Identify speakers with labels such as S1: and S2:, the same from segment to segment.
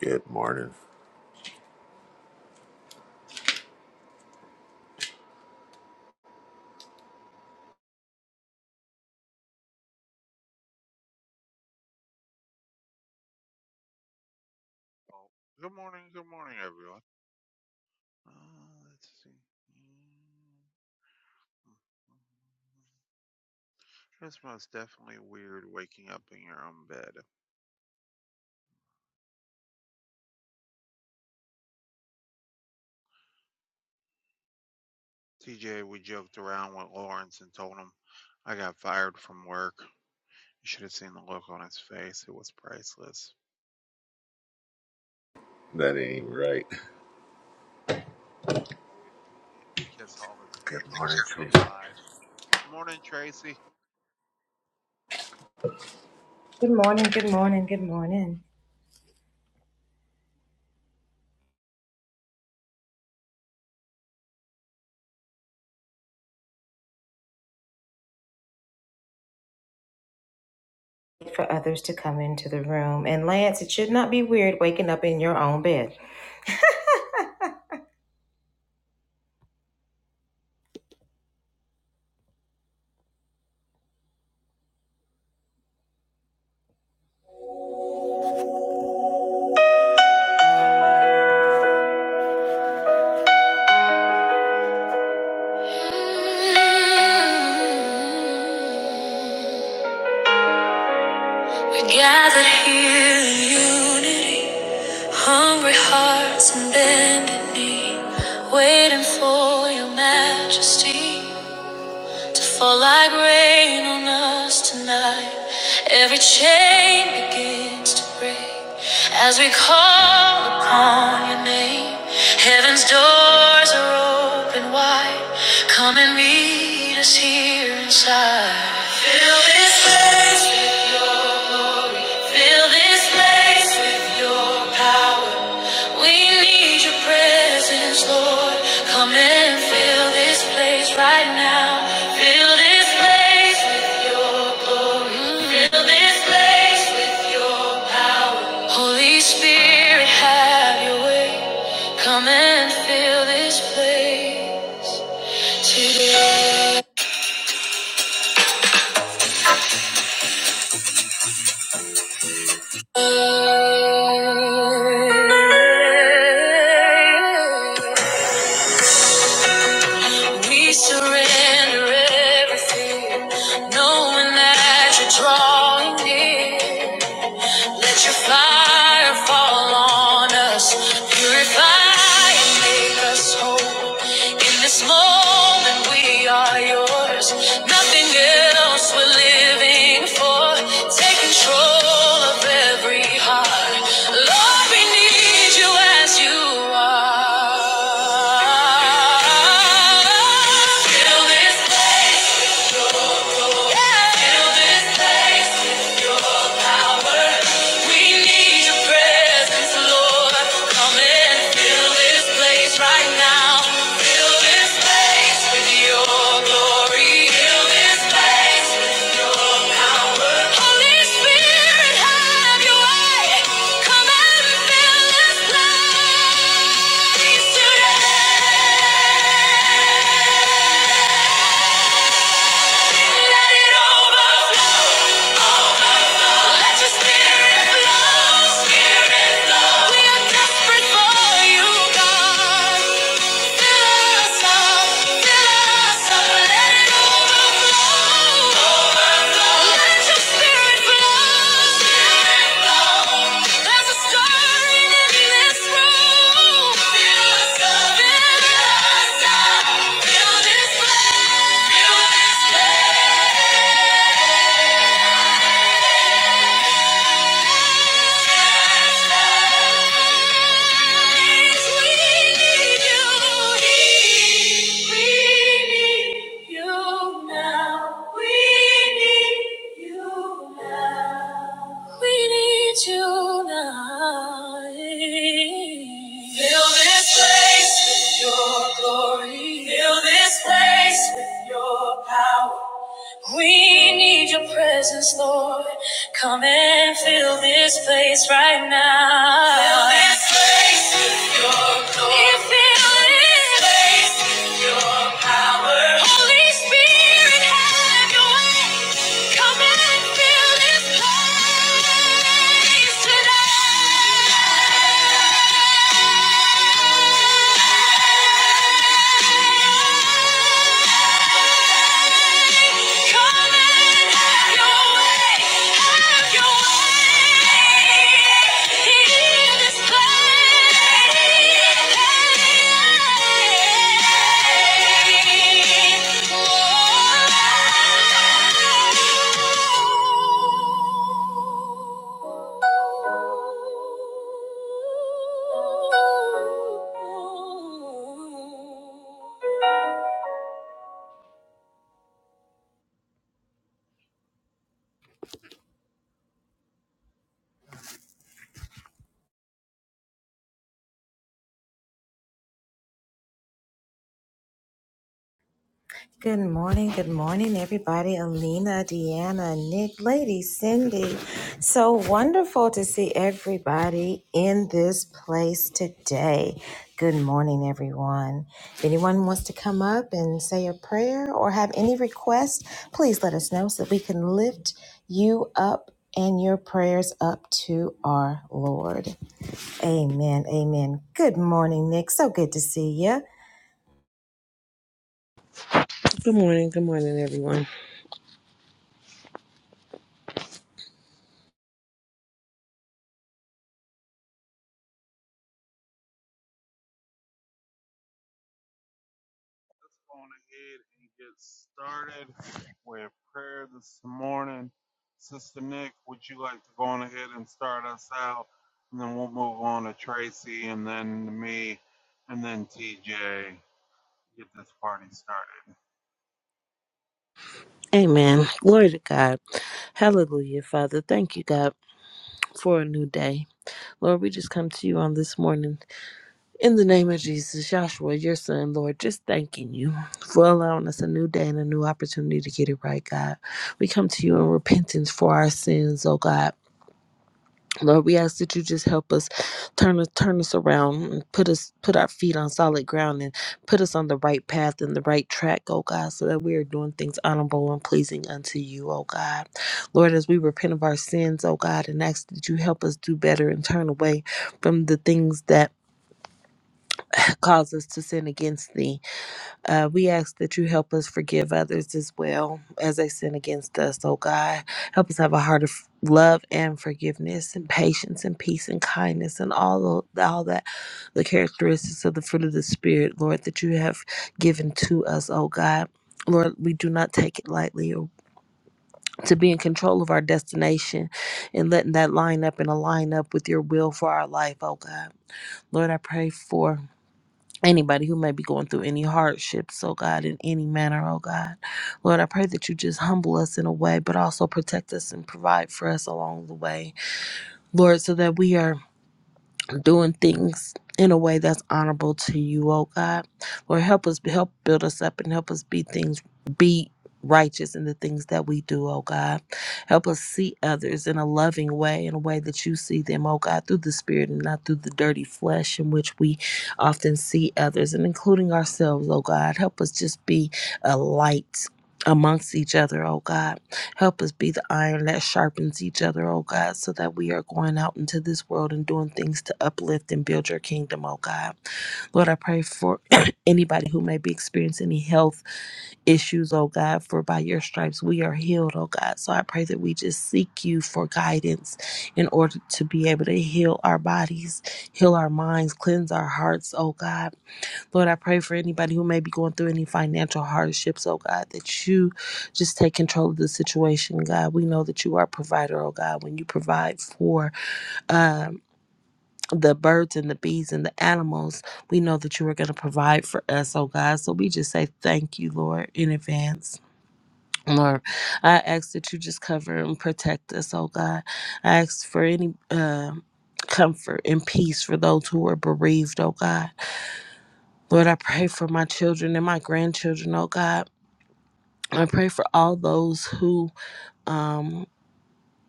S1: Good morning.
S2: Oh, good morning, good morning, everyone. Uh, let's see. It's most definitely weird waking up in your own bed. TJ, we joked around with Lawrence and told him I got fired from work. You should have seen the look on his face. It was priceless.
S1: That ain't right.
S2: Always had to kiss all his
S1: Good morning,
S2: vacations
S1: Jesus.
S2: goodbye. Morning, Tracy.
S3: We're gathered here in unity, hungry hearts and bended knee, waiting for your majesty to fall like rain on us tonight. Every chain begins to break as we call upon your name. Heaven's doors are open wide. Come and meet us here inside. Fill this place, fill this place with your power. We need your presence, Lord. Come and fill this place right now. Fill this place. Fill this place with your Holy Spirit, have your way. Come and fill this place today. We surrender everything, knowing that you're drawing near. Let your fire fall on us, purify and make us whole. In this moment, we are yours. Nothing else we're living for. Take control of every heart. Lord, we need you as you are. Fill this place. Yeah. Fill this place. Let it over. Let your spirit flow, spirit flow. We are desperate for you, God. Fill us up, fill us up, let it overflow, overflow. Let your spirit flow, spirit flow. There's a stirring in this room. Fill this place, fill this place. Fill this place with your glory. Fill this place with your power. We need your presence, Lord. Come and fill this place right now. Fill this place with your glory. Fill this place with your power. Holy Spirit, have your way. Come and fill this place tonight. Thank you.
S4: Good morning. Good morning, everyone.
S2: go on ahead and get started with prayer this morning. Sister Nick, would you like to go on ahead and start us out? And then we'll move on to Tracy and then me and then TJ. Get this party started.
S4: Amen. Glory to God. Hallelujah, Father. Thank you, God, for a new day. Lord, we just come to you on this morning in the name of Jesus, Joshua, your son, Lord, just thanking you for allowing us a new day and a new opportunity to get it right, God. We come to you in repentance for our sins, oh God. Lord, we ask that you just help us turn us turn us around and put us put our feet on solid ground and put us on the right path and the right track, oh God, so that we are doing things honorable and pleasing unto you, oh God. Lord, as we repent of our sins, oh God, and ask that you help us do better and turn away from the things that cause us to sin against thee. Uh, we ask that you help us forgive others as well as they sin against us, oh God. Help us have a heart of love and forgiveness and patience and peace and kindness and all of, all that the characteristics of the fruit of the Spirit, Lord, that you have given to us, oh God. Lord, we do not take it lightly or to be in control of our destination and letting that line up and align up with your will for our life, oh God. Lord, I pray for anybody who may be going through any hardships, oh God, in any manner, oh God. Lord, I pray that you just humble us in a way, but also protect us and provide for us along the way. Lord, so that we are doing things in a way that's honorable to you, oh God. Lord, help us help build us up and help us be things be righteous in the things that we do, oh God. Help us see others in a loving way, in a way that you see them, oh God, through the spirit and not through the dirty flesh in which we often see others and including ourselves, oh God. Help us just be a light amongst each other, oh God. Help us be the iron that sharpens each other, oh God, so that we are going out into this world and doing things to uplift and build your kingdom, oh God. Lord, I pray for anybody who may be experiencing any health issues, oh God, for by your stripes we are healed, oh God. So I pray that we just seek you for guidance in order to be able to heal our bodies, heal our minds, cleanse our hearts, oh God. Lord, I pray for anybody who may be going through any financial hardships, oh God, that you just take control of the situation, God. We know that you are a provider, oh God. When you provide for um, the birds and the bees and the animals, we know that you are going to provide for us, oh God. So we just say thank you, Lord, in advance. Lord, I ask that you just cover and protect us, oh God. I ask for any um comfort and peace for those who are bereaved, oh God. Lord, I pray for my children and my grandchildren, oh God. I pray for all those who um,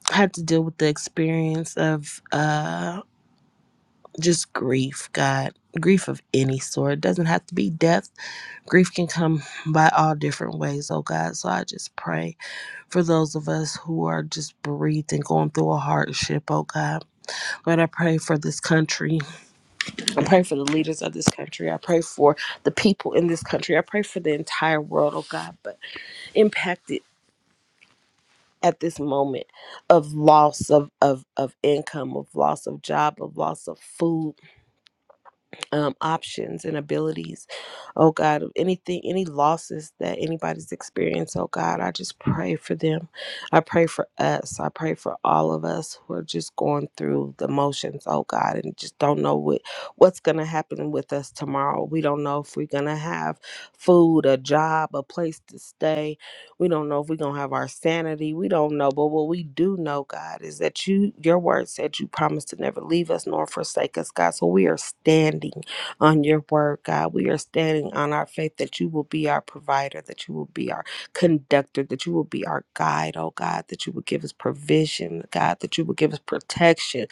S4: had to deal with the experience of uh, just grief, God. Grief of any sort. It doesn't have to be death. Grief can come by all different ways, oh God. So I just pray for those of us who are just bereaved and going through a hardship, oh God. Lord, I pray for this country. I pray for the leaders of this country. I pray for the people in this country. I pray for the entire world, oh God. but. impacted at this moment of loss of, of, of income, of loss of job, of loss of food, um, options and abilities. Oh God, of anything, any losses that anybody's experienced, oh God, I just pray for them. I pray for us. I pray for all of us who are just going through the motions, oh God, and just don't know what what's gonna happen with us tomorrow. We don't know if we're gonna have food, a job, a place to stay. We don't know if we're gonna have our sanity. We don't know. But what we do know, God, is that you your word said you promised to never leave us nor forsake us, God. So we are standing on your word, God. We are standing on our faith that you will be our provider, that you will be our conductor, that you will be our guide, oh God, that you will give us provision, God, that you will give us protection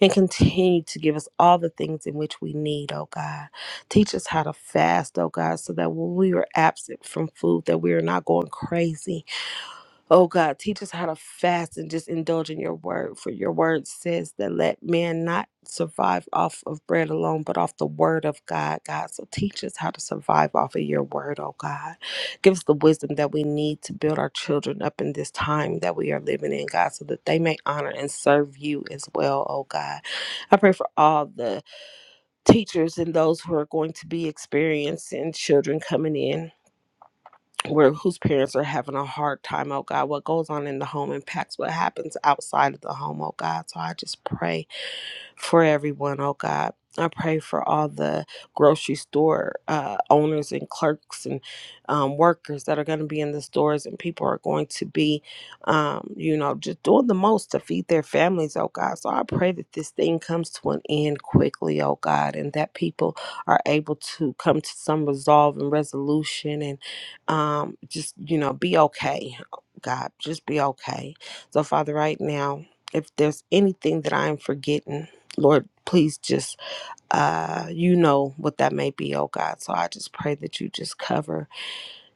S4: and continue to give us all the things in which we need, oh God. Teach us how to fast, oh God, so that when we are absent from food, that we are not going crazy Oh God, teach us how to fast and just indulge in your word. For your word says that let man not survive off of bread alone, but off the word of God, God. So teach us how to survive off of your word, oh God. Give us the wisdom that we need to build our children up in this time that we are living in, God, so that they may honor and serve you as well, oh God. I pray for all the teachers and those who are going to be experiencing children coming in where whose parents are having a hard time, oh God. What goes on in the home impacts what happens outside of the home, oh God. So I just pray for everyone, oh God. I pray for all the grocery store uh, owners and clerks and um, workers that are going to be in the stores, and people are going to be, um, you know, just doing the most to feed their families, oh God. So I pray that this thing comes to an end quickly, oh God, and that people are able to come to some resolve and resolution and um, just, you know, be okay, God, just be okay. So, Father, right now, if there's anything that I am forgetting, Lord, please just, uh, you know what that may be, oh God. So I just pray that you just cover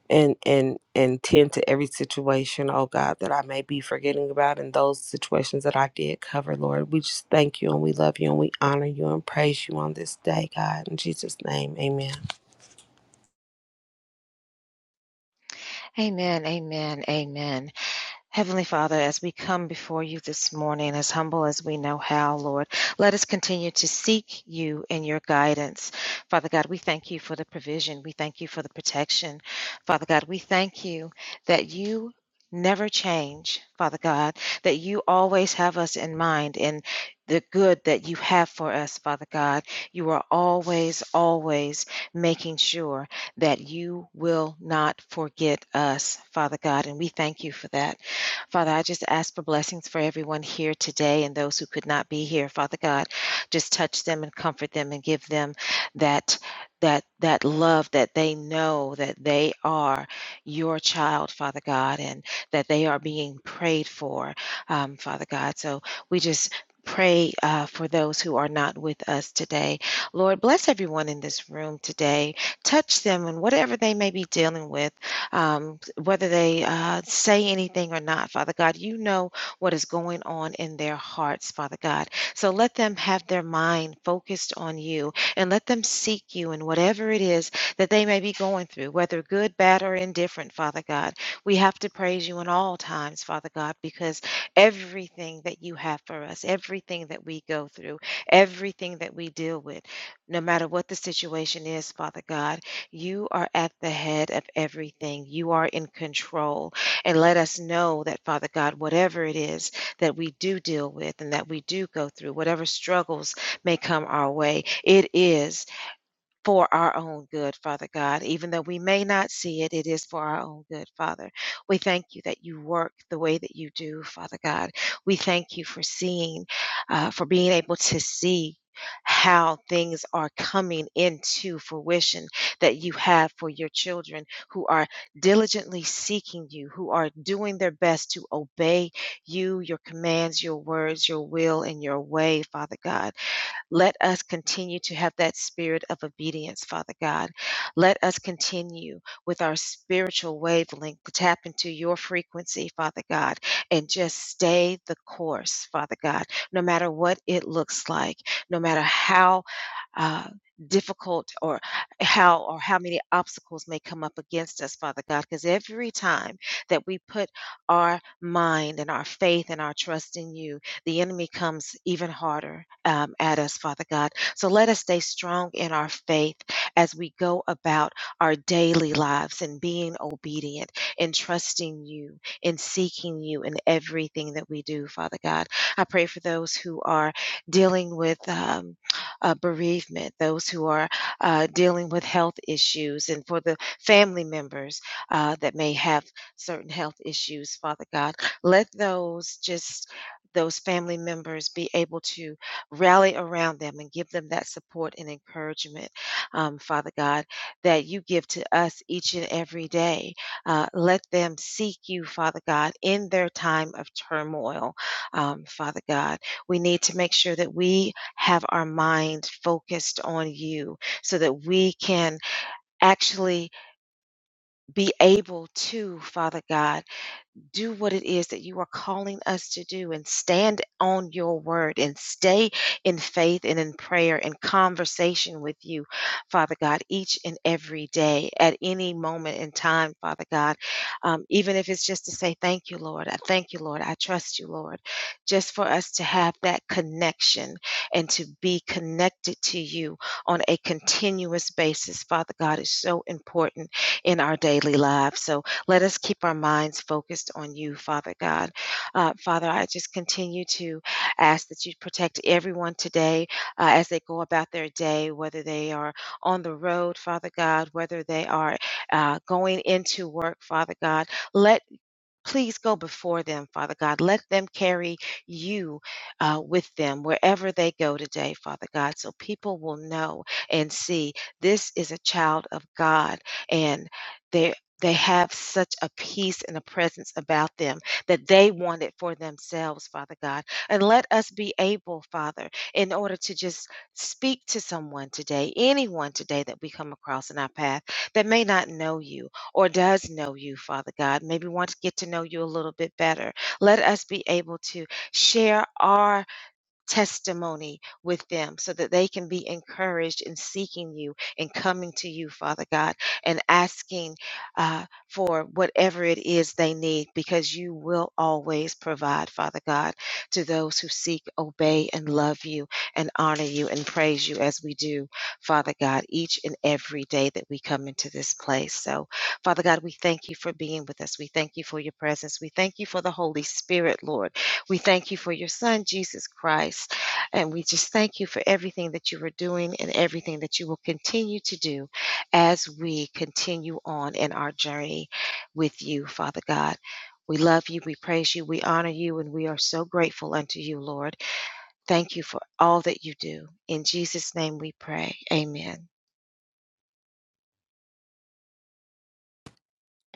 S4: and and and tend to every situation, oh God, that I may be forgetting about, and those situations that I did cover, Lord. We just thank you and we love you and we honor you and praise you on this day, God. In Jesus' name, Amen.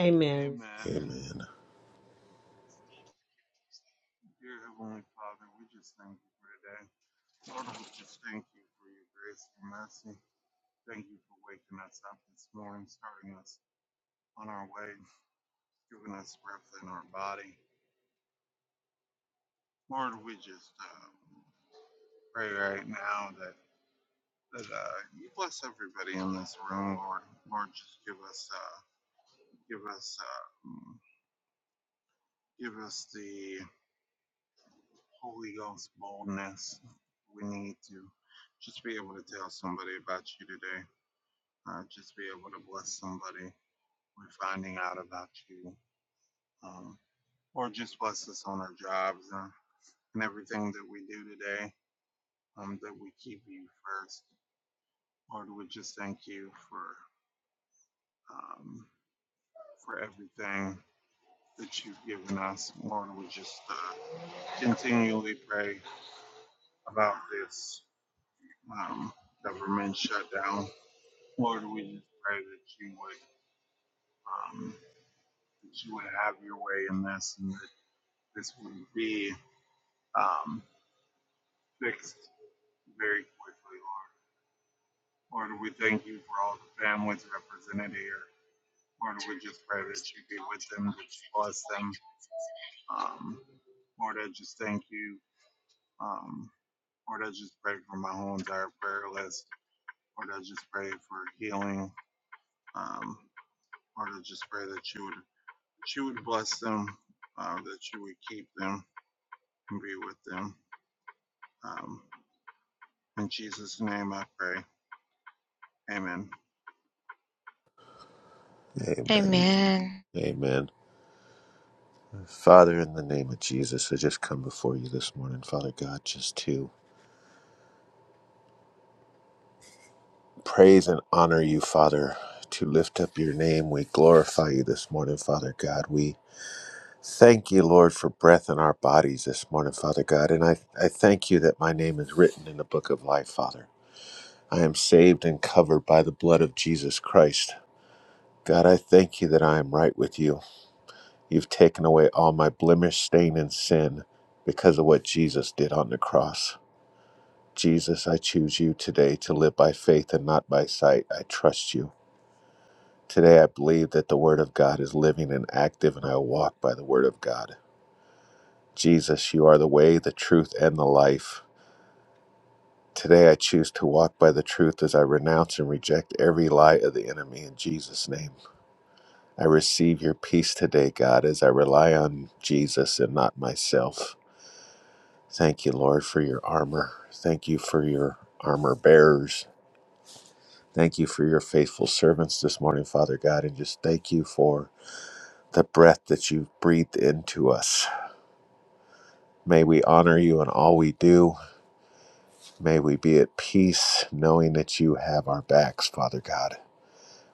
S4: Amen.
S2: Amen. Dear Heavenly Father, we just thank you for today. Lord, we just thank you for your grace and mercy. Thank you for waking us up this morning, starting us on our way, giving us breath in our body. Lord, we just uh, pray right now that that uh, you bless everybody in this room, Lord. Lord, just give us uh, give us uh, mm, give us the Holy Ghost boldness we need to just be able to tell somebody about you today. Uh, just be able to bless somebody with finding out about you, um, or just bless us on our jobs and, and everything that we do today. Um, that we keep you first. Lord, we just thank you for um, for everything that you've given us. Lord, we just uh, continually pray about this um, government shutdown. Lord, we just pray that you would um, that you would have your way in this, and that this would be um, fixed very quickly, Lord. Lord, we thank you for all the families represented here. Lord, we just pray that you be with them, that you bless them. Um, Lord, I just thank you. Um, Lord, I just pray for my whole entire prayer list. Lord, I just pray for healing. Um, Lord, I just pray that you would, that you would bless them, uh, that you would keep them and be with them. Um, in Jesus' name I pray. Amen.
S1: Amen. Amen. Amen. Father, in the name of Jesus, I just come before you this morning, Father God, just to praise and honor you, Father, to lift up your name. We glorify you this morning, Father God. We thank you, Lord, for breath in our bodies this morning, Father God. And I, I thank you that my name is written in the book of life, Father. I am saved and covered by the blood of Jesus Christ. God, I thank you that I am right with you. You've taken away all my blemish, stain, and sin because of what Jesus did on the cross. Jesus, I choose you today to live by faith and not by sight. I trust you. Today, I believe that the Word of God is living and active, and I walk by the Word of God. Jesus, you are the way, the truth, and the life. Today, I choose to walk by the truth as I renounce and reject every lie of the enemy in Jesus' name. I receive your peace today, God, as I rely on Jesus and not myself. Thank you, Lord, for your armor. Thank you for your armor bearers. Thank you for your faithful servants this morning, Father God, and just thank you for the breath that you've breathed into us. May we honor you in all we do. May we be at peace knowing that you have our backs, Father God.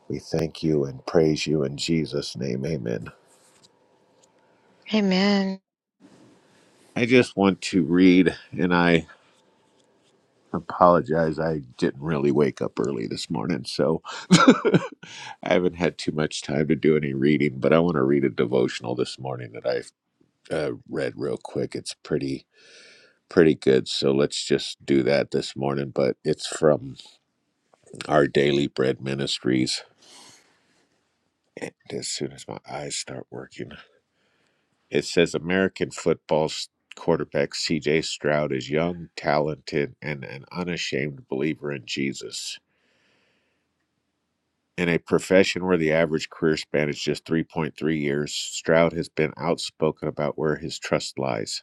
S1: We thank you and praise you in Jesus' name. Amen. I just want to read, and I apologize. I didn't really wake up early this morning, so I haven't had too much time to do any reading, but I want to read a devotional this morning that I uh, read real quick. It's pretty pretty good, so let's just do that this morning. But it's from our Daily Bread Ministries. And as soon as my eyes start working, it says American football quarterback C.J. Stroud is young, talented, and an unashamed believer in Jesus. In a profession where the average career span is just 3.3 years, Stroud has been outspoken about where his trust lies.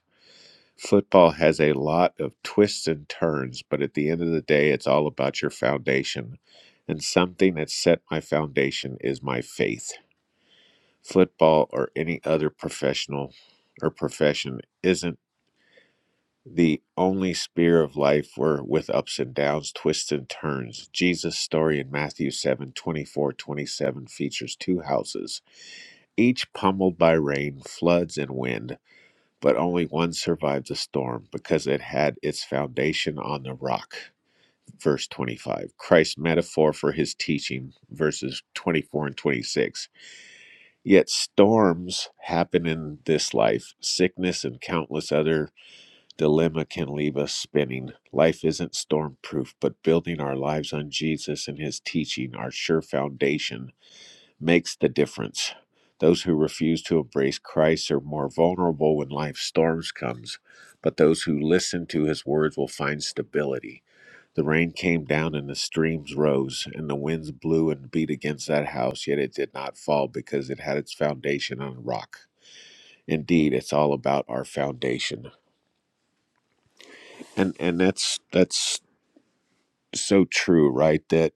S1: Football has a lot of twists and turns, but at the end of the day, it's all about your foundation. And something that set my foundation is my faith. Football or any other professional or profession isn't the only spear of life were with ups and downs, twists and turns. Jesus' story in Matthew 7 24 27 features two houses, each pummeled by rain, floods, and wind, but only one survived the storm because it had its foundation on the rock. Verse 25, Christ's metaphor for his teaching, verses 24 and 26. Yet storms happen in this life, sickness and countless other Dilemma can leave us spinning. Life isn't storm proof, but building our lives on Jesus and his teaching, our sure foundation, makes the difference. Those who refuse to embrace Christ are more vulnerable when life's storms comes, but those who listen to his words will find stability. The rain came down and the streams rose, and the winds blew and beat against that house, yet it did not fall because it had its foundation on a rock. Indeed, it's all about our foundation and and that's that's so true, right? That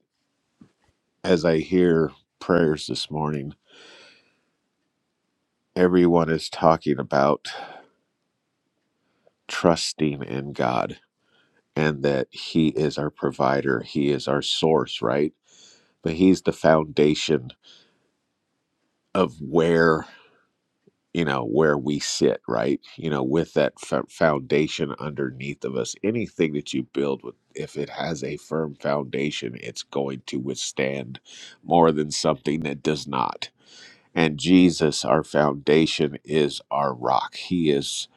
S1: as I hear prayers this morning, everyone is talking about trusting in God and that He is our provider, He is our source, right? But He's the foundation of where you know where we sit right you know with that f- foundation underneath of us anything that you build with if it has a firm foundation it's going to withstand more than something that does not And Jesus, our foundation, is our rock. He is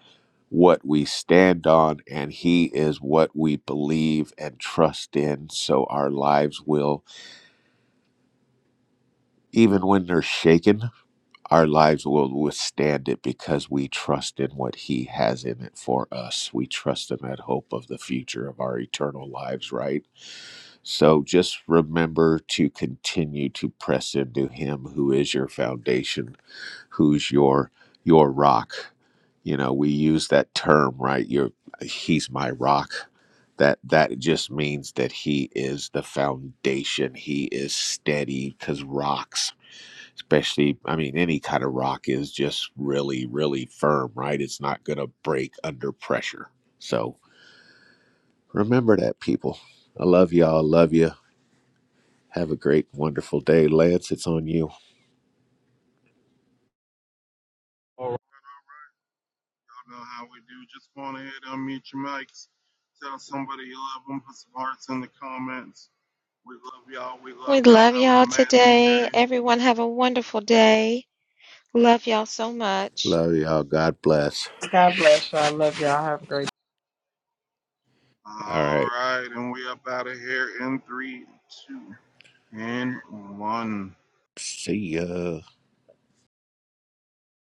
S1: what we stand on, and He is what we believe and trust in. So our lives will, even when they're shaken, our lives will withstand it because we trust in what He has in it for us. We trust in that hope of the future of our eternal lives, right? So just remember to continue to press into Him who is your foundation who's your your rock you know we use that term right you're he's my rock that that just means that he is the foundation he is steady because rocks especially i mean any kind of rock is just really really firm right it's not gonna break under pressure so remember that people i love y'all love you have a great wonderful day lance it's on you
S2: All right. Y'all know how we do. Just go on ahead, and unmute your mics. Tell somebody you love them. Put some hearts in the comments. We love y'all. We love y'all. Have an amazing day.
S1: love y'all god bless
S4: God bless you. I love y'all. Have a great
S2: All
S1: all right
S2: right. And we up out of here in three, two. and one.
S1: see ya